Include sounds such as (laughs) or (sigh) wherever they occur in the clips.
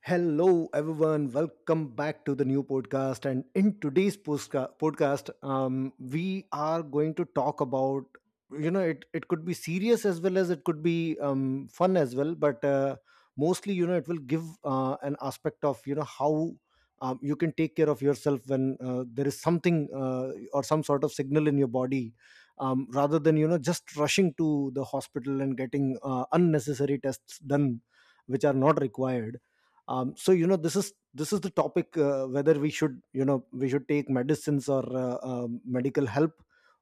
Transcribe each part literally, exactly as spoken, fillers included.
Hello, everyone. Welcome back to the new podcast. And in today's postka- podcast, um, we are going to talk about you know it it could be serious as well as it could be, um, fun as well. But uh, mostly, you know, it will give uh, an aspect of, you know how um, you can take care of yourself when uh, there is something, uh, or some sort of signal in your body. Um, rather than, you know just rushing to the hospital and getting uh, unnecessary tests done which are not required. Um, so you know this is this is the topic, uh, whether we should, you know we should take medicines, or uh, um medical help,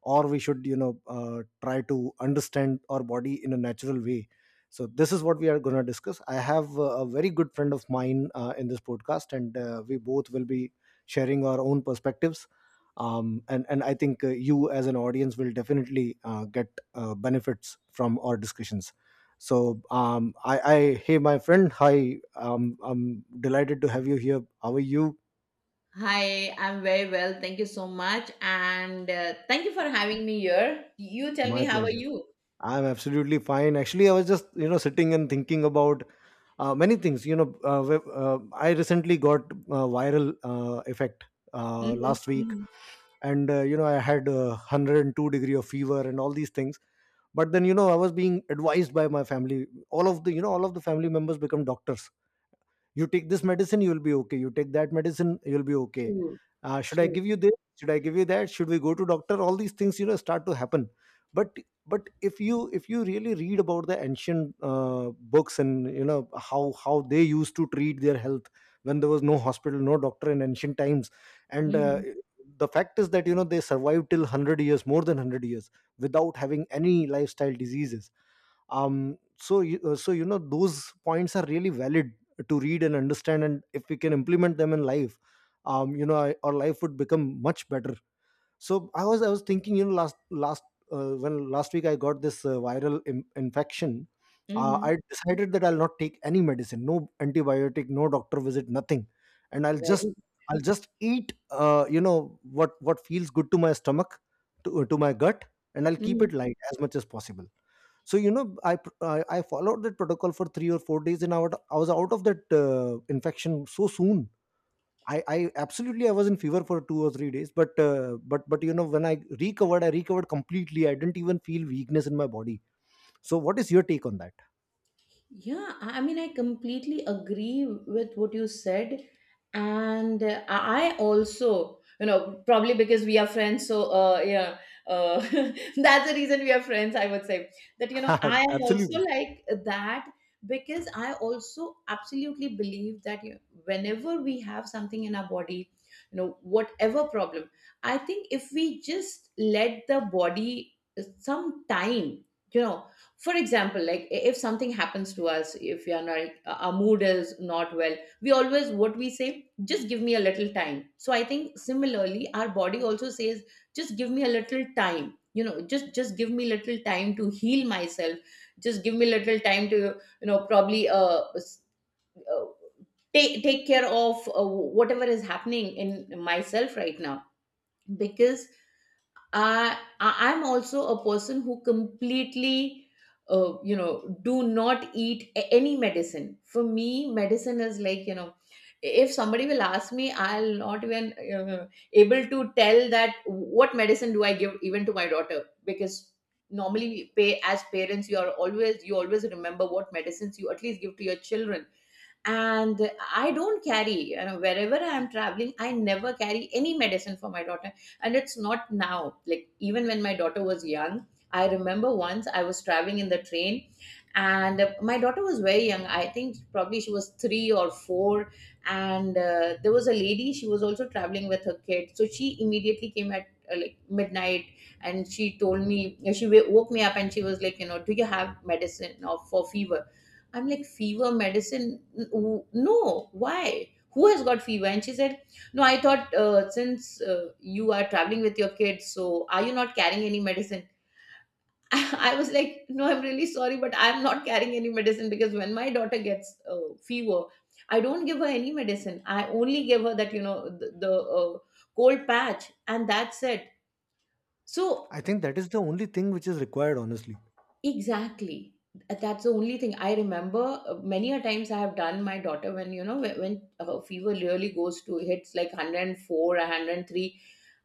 or we should, you know uh, try to understand our body in a natural way. So this is what we are going to discuss. I have uh, a very good friend of mine uh, in this podcast, and uh, we both will be sharing our own perspectives. Um, and and I think uh, you as an audience will definitely uh, get uh, benefits from our discussions. So um, I, I hey my friend, hi. Um, I'm delighted to have you here. How are you? Hi, I'm very well. Thank you so much. And uh, thank you for having me here. You tell My me, how are pleasure. you? I'm absolutely fine. Actually, I was just, you know sitting and thinking about uh, many things. You know, uh, wh- uh, I recently got uh, viral uh, effect uh, Mm-hmm, last week, mm-hmm. and uh, you know I had uh, one hundred and two degree of fever and all these things. But then, you know, I was being advised by my family. All of the, you know all of the family members become doctors. You take this medicine, you will be okay. You take that medicine, you'll be okay. True, Uh, should I give true. you this? Should I give you that? Should we go to doctor? All these things, you know, start to happen. but but if you, if you really read about the ancient uh, books, and you know, how how they used to treat their health when there was no hospital, no doctor in ancient times. And uh, Mm-hmm, the fact is that, you know, they survived till a hundred years, more than a hundred years, without having any lifestyle diseases. Um so you, uh, so you know, those points are really valid to read and understand, and if we can implement them in life, um you know I, our life would become much better. So i was i was thinking, you know, last last uh, when last week I got this uh, viral Im- infection. uh, mm-hmm. i decided that I'll not take any medicine, no antibiotic, no doctor visit, nothing. And i'll just Very. I'll just eat, uh, you know what what feels good to my stomach, to, to my gut, and I'll keep Mm-hmm. it light as much as possible. So you know, i pr- i, I followed that protocol for three or four days, and i, would, I was out of that uh, infection so soon. I, I absolutely, I was in fever for two or three days, but uh, but but you know, when I recovered, I recovered completely. I didn't even feel weakness in my body. So what is your take on Yeah, I I mean, I completely agree with what you said. And uh, I also, you know, probably because we are friends, so uh, yeah, uh, (laughs) that's the reason we are friends, I would say. That, you know, that? I (laughs) am also Absolutely. like that, because I also absolutely believe that you whenever we have something in our body, you know, whatever problem, I think if we just let the body uh, some time, you know, for example, like i- if something happens to us, if we are not uh, our mood is not well, we always, what we say, just give me a little time. So I think similarly our body also says, just give me a little time, you know just just give me little time to heal myself, just give me little time to you know probably uh, s- uh take take care of uh, whatever is happening in myself right now, because I, I- I'm also a person who completely, uh, you know, do not eat a- any medicine. For me, medicine is like, you know, if somebody will ask me, I'll not even uh, able to tell that what medicine do I give even to my daughter, because normally we pay, as parents you are always, you always remember what medicines you at least give to your children. And I don't carry, you know wherever I am traveling I never carry any medicine for my daughter. And it's not now, like even when my daughter was young, I remember once I was traveling in the train, and uh, my daughter was very young, I think probably she was three or four. And uh, there was a lady, she was also traveling with her kid, so she immediately came at uh, like midnight, and she told me, she wa- woke me up, and she was like, you know do you have medicine or for fever? I'm like, fever medicine? N- w- No, why? Who has got fever? And she said, no, I thought uh, since uh, you are traveling with your kids, so are you not carrying any medicine? (laughs) I was like, no, I'm really sorry, but I'm not carrying any medicine, because when my daughter gets uh, fever, I don't give her any medicine. I only give her that, you know, the, the uh, cold patch, and that's it. So. I think that is the only thing which is required, honestly. Exactly. That's the only thing I remember. Uh, Many a times I have done my daughter when, you know when, when, her fever really goes to, hits like one hundred four or one hundred three.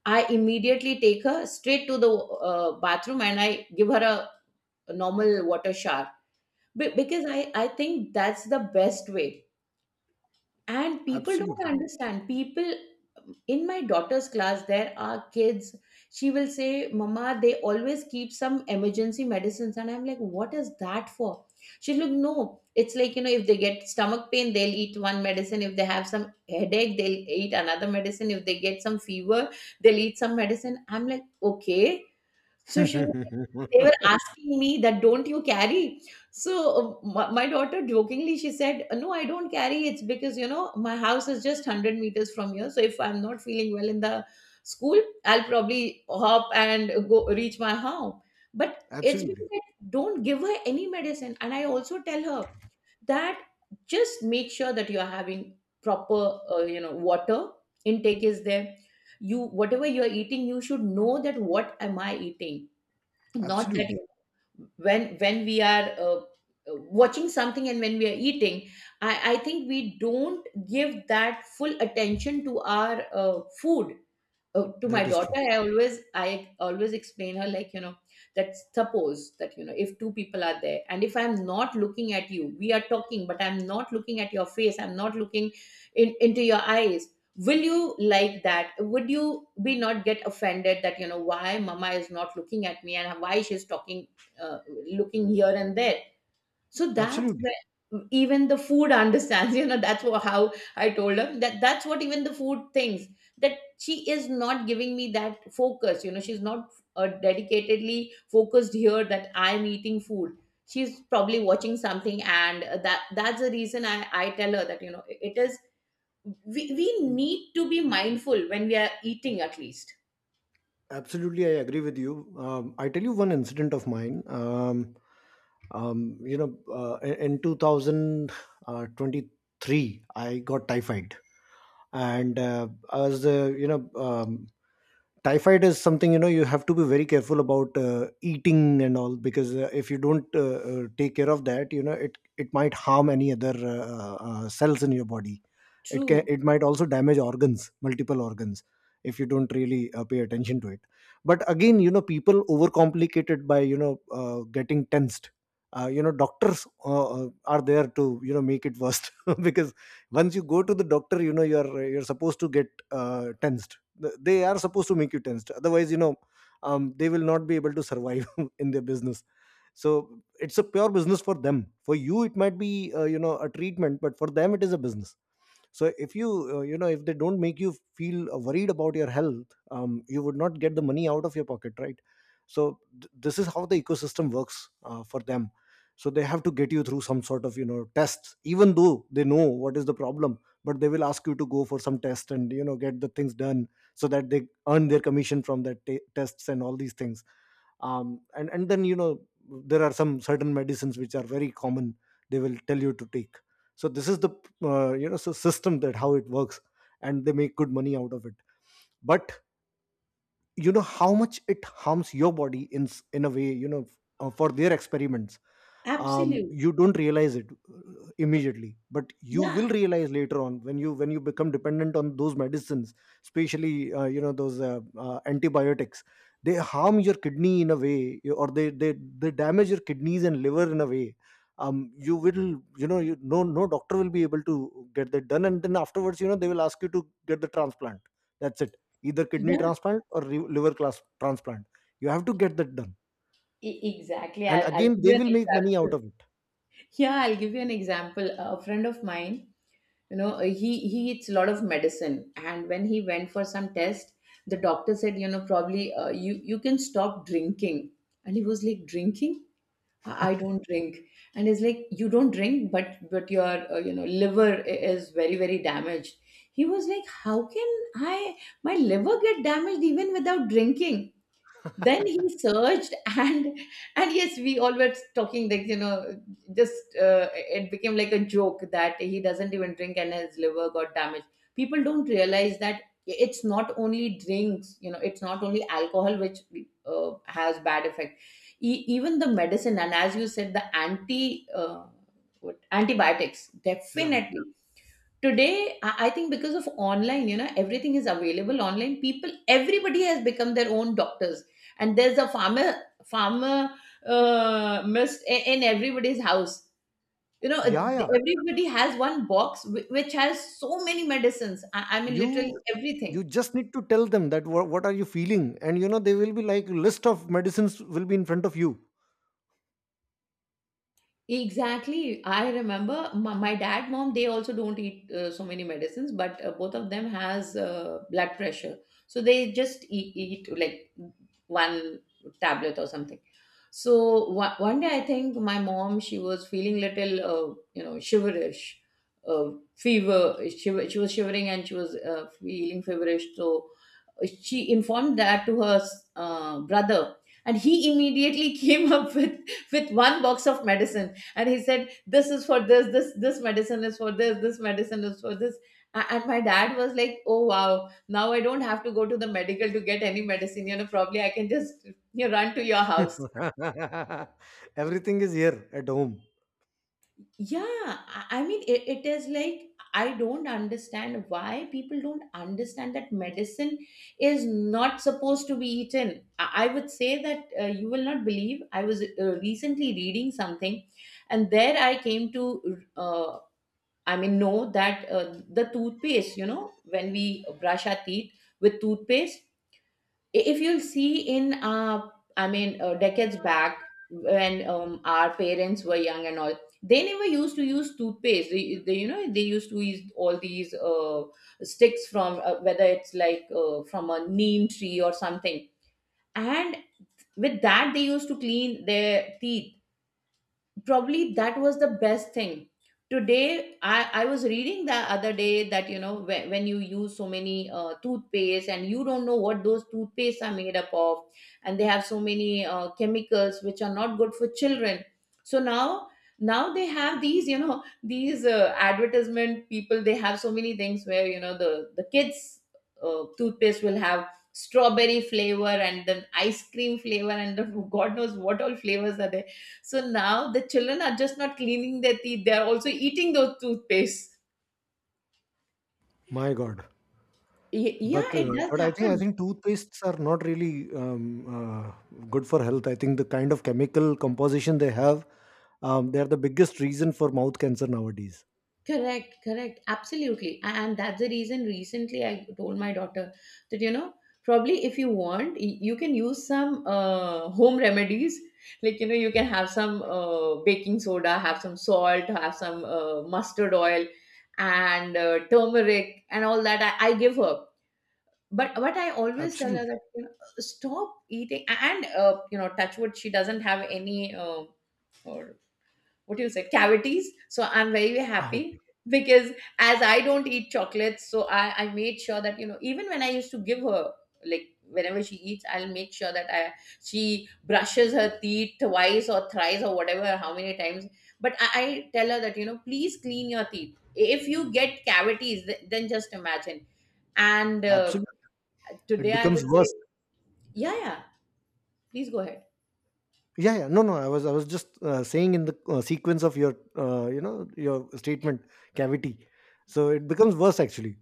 I immediately take her straight to the uh, bathroom, and I give her a, a normal water shower, Be- because I I think that's the best way, and people don't Absolutely. understand. People in my daughter's class, there are kids, she will say, mama, they always keep some emergency medicines. And I'm like, what is that for? She's like, no, it's like, you know if they get stomach pain they'll eat one medicine, if they have some headache they'll eat another medicine, if they get some fever they'll eat some medicine. I'm like, okay. So she was like, they were (laughs) asking me that, don't you carry? So uh, my, my daughter jokingly she said, no, I don't carry, it's because, you know my house is just one hundred meters from here. So if I'm not feeling well in the school, I'll probably hop and go reach my home. But it's Absolutely. because I don't give her any medicine, and I also tell her that, just make sure that you are having proper, uh, you know, water intake is there. You Whatever you are eating, you should know that, what am I eating, not that you Absolutely. when when we are uh, uh, watching something, and when we are eating, i i think we don't give that full attention to our uh, food. Uh, to my That is true. daughter i always i always explain her, like, you know that suppose that, you know if two people are there, and if I'm not looking at you, we are talking but I'm not looking at your face, I'm not looking in, into your eyes, will you like that, would you be not get offended that, you know why mama is not looking at me and why she's talking uh, looking here and there? So that's Absolutely. where even the food (laughs) understands, you know, that's wha- how I told her that, that's what even the food thinks, that she is not giving me that focus, you know, she's not uh, dedicatedly focused here that I'm eating food, she's probably watching something. And uh, that that's the reason I, I tell her that, you know it is, we, we need to be mindful when we are eating, at least. Absolutely, I agree with you. Um, I tell you one incident of mine. Um, um, you know, uh, in in two thousand twenty-three, I got typhoid, and uh, I uh, you know, um, typhoid is something, you know, you have to be very careful about, uh, eating and all, because uh, if you don't uh, uh, take care of that, you know, it it might harm any other uh, uh, cells in your body. It can, True, it might also damage organs, multiple organs, if you don't really uh, pay attention to it. But again, you know, people overcomplicate it by, you know uh, getting tensed. Uh, you know, doctors uh, uh, are there to, you know, make it worse (laughs) because once you go to the doctor, you know, you're you're supposed to get uh, tensed. Th- they are supposed to make you tensed, otherwise, you know, um, they will not be able to survive (laughs) in their business. So it's a pure business for them. For you, it might be, uh, you know a treatment, but for them, it is a business. So if you, uh, you know if they don't make you feel worried about your health, um, you would not get the money out of your pocket, right? So th- this is how the ecosystem works uh, for them. So they have to get you through some sort of, you know, tests, even though they know what is the problem. But they will ask you to go for some test and, you know, get the things done so that they earn their commission from that t- tests and all these things. Um, and and then, you know, there are some certain medicines which are very common they will tell you to take. So this is the uh, you know so system that how it works, and they make good money out of it. But you know how much it harms your body in, s- in a way, you know, f- uh, for their experiments. um, absolute, You don't realize it uh, immediately, but you will yeah, realize later on, when you, when you become dependent on those medicines, especially uh, you know those uh, uh, antibiotics. They harm your kidney in a way, or they, they they damage your kidneys and liver in a way. Um you will you know you, no, no doctor will be able to get that done, and then afterwards, you know, they will ask you to get the transplant. That's it. Either kidney yeah, transplant or re- liver class transplant, you have to get that done. E- exactly. And I'll, I'll again, give they you an will make money out example. of it. Yeah, I'll give you an example. A friend of mine, you know, uh, he he eats a lot of medicine, and when he went for some test, the doctor said, you know, probably uh, you you can stop drinking. And he was like, drinking? I I don't drink. And he's like, you don't drink, but but your uh, you know liver i- is very very damaged. He was like, how can I my liver get damaged even without drinking? Then he searched (laughs) and and yes, we all were talking like, you know just uh, it became like a joke, that he doesn't even drink and his liver got damaged. People don't realize that, it's not only drinks, you know it's not only alcohol which uh, has bad effect, e- even the medicine. And as you said, the anti uh, what, antibiotics, Yeah, definitely. Today, i I think, because of online, you know everything is available online, people, everybody has become their own doctors. And there's a farmer farmer uh, mist i- in everybody's house, you know yeah, yeah. everybody has one box, whi- which has so many medicines, i, I mean, literally you everything. you just need to tell them that what, what are you feeling, and you know they will be like, list of medicines will be in front of you. Exactly. I remember my, my dad, mom, they also don't eat uh, so many medicines, but uh, both of them has uh, blood pressure. So they just eat, eat like one tablet or something. So one, one day, I think my mom, she was feeling little, uh, you know, shiverish, uh, fever. She, she was shivering, and she was uh, feeling feverish. So she informed that to her uh, brother, and he immediately (laughs) came up with, with one box of medicine. And he said, this is for this, this this medicine is for this, this medicine is for this. A- and my dad was like, oh wow, now I don't have to go to the medical to get any medicine, you know probably I can just, you know, run to your house. (laughs) Everything is here at home. Yeah. I I mean, it, it is like, I don't understand why people don't understand that medicine is not supposed to be eaten. I, I would say that, uh, you will not believe, I was uh, recently reading something, and there I came to uh, I mean, know that uh, the toothpaste, you know, when we brush our teeth with toothpaste, i- if you'll see, in, uh, I mean, uh, decades back when um, our parents were young and all, they never used to use toothpaste. They, they you know, they used to use all these uh, sticks, from uh, whether it's like uh, from a neem tree or something, and with that they used to clean their teeth. Probably that was the best thing. Today i i was reading, the other day, that, you know when, when, you use so many uh, toothpaste, and you don't know what those toothpaste are made up of, and they have so many uh, chemicals which are not good for children. So now now they have these, you know these uh, advertisement people, they have so many things where, you know the the kids' uh, toothpaste will have strawberry flavor and then ice cream flavor, and the, (laughs) god knows what all flavors are there. So now the children are just not cleaning their teeth, they are also eating those toothpaste. My god. Y- but Yeah, it uh, does but I think, i happen. think toothpastes are not really, um, uh, good for health. I think the kind of chemical composition they have, um, they are the biggest reason for mouth cancer nowadays. Correct, correct. Absolutely. A- And that's the reason, recently I told my daughter that, you know, probably if you want, y- you can use some uh, home remedies. Like, you know, you can have some uh, baking soda, have some salt, have some uh, mustard oil, and uh, turmeric, and all that. I, I give her. But what I always tell her Absolutely. that, you know, uh, stop eating. And uh, you know touch wood, she doesn't have any uh, or, what do you say, cavities. So I'm very very Ah, okay. happy, because as I don't eat chocolates, so I, I made sure that, you know even when I used to give her, like whenever she eats, I'll make sure that, I she brushes her teeth twice or thrice, or whatever, how many times. But I, I tell her that, you know please clean your teeth, if you get cavities, th- then just imagine. And uh, Absolutely. It today, I becomes would say, worse. yeah, yeah, please go ahead. Yeah, yeah, no, no, I was, i was just uh, saying in the uh, sequence of your uh, you know your statement. Cavity. So it becomes worse, actually,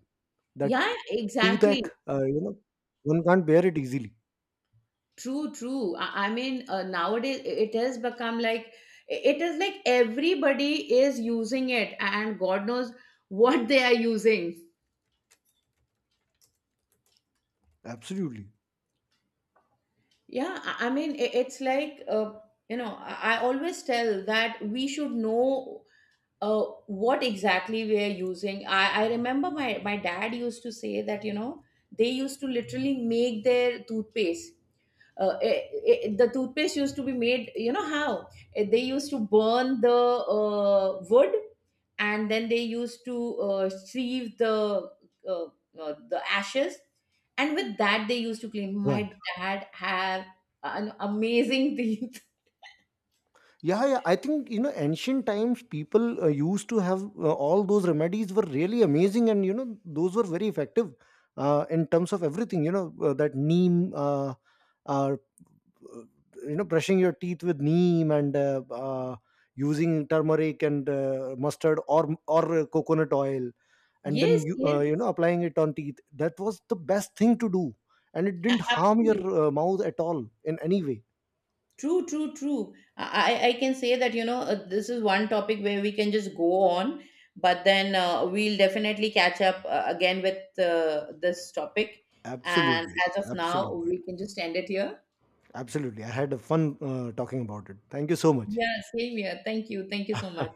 that Yeah, toothache, exactly. uh, you know one can't bear it easily. True, true. I, I mean, uh, nowadays, it has become like, it is like everybody is using it, and God knows what they are using. Absolutely. Yeah, I I mean, i- it's like, uh, you know, I I always tell that we should know uh, what exactly we are using. I, I remember my, my, dad used to say that, you know, they used to literally make their toothpaste. uh, it, it, the toothpaste used to be made, you know how. Uh, they used to burn the uh, wood, and then they used to uh, sieve the uh, uh, the ashes, and with that they used to clean my Right. dad had an amazing teeth. Yeah, yeah, I think, you know, ancient times, people uh, used to have uh, all those remedies were really amazing, and you know, those were very effective uh, in terms of everything, you know, uh, that neem, uh, uh, uh, you know, brushing your teeth with neem, and uh, uh, using turmeric and uh, mustard, or or uh, coconut oil, (laughs) and then Yes, you, uh, yes. you know applying it on teeth, that was the best thing to do, and it a- didn't harm your absolutely uh, mouth at all in any way. True, true, true. I, I I can say that, you know, uh, this is one topic where we can just go on, but then uh, we'll definitely catch up uh, again with uh, this topic. And Absolutely. as of now, Absolutely. we can just end it here. Absolutely, I had a fun uh, talking about it. Thank you so much. Yeah, same here. Thank you. Thank you so much.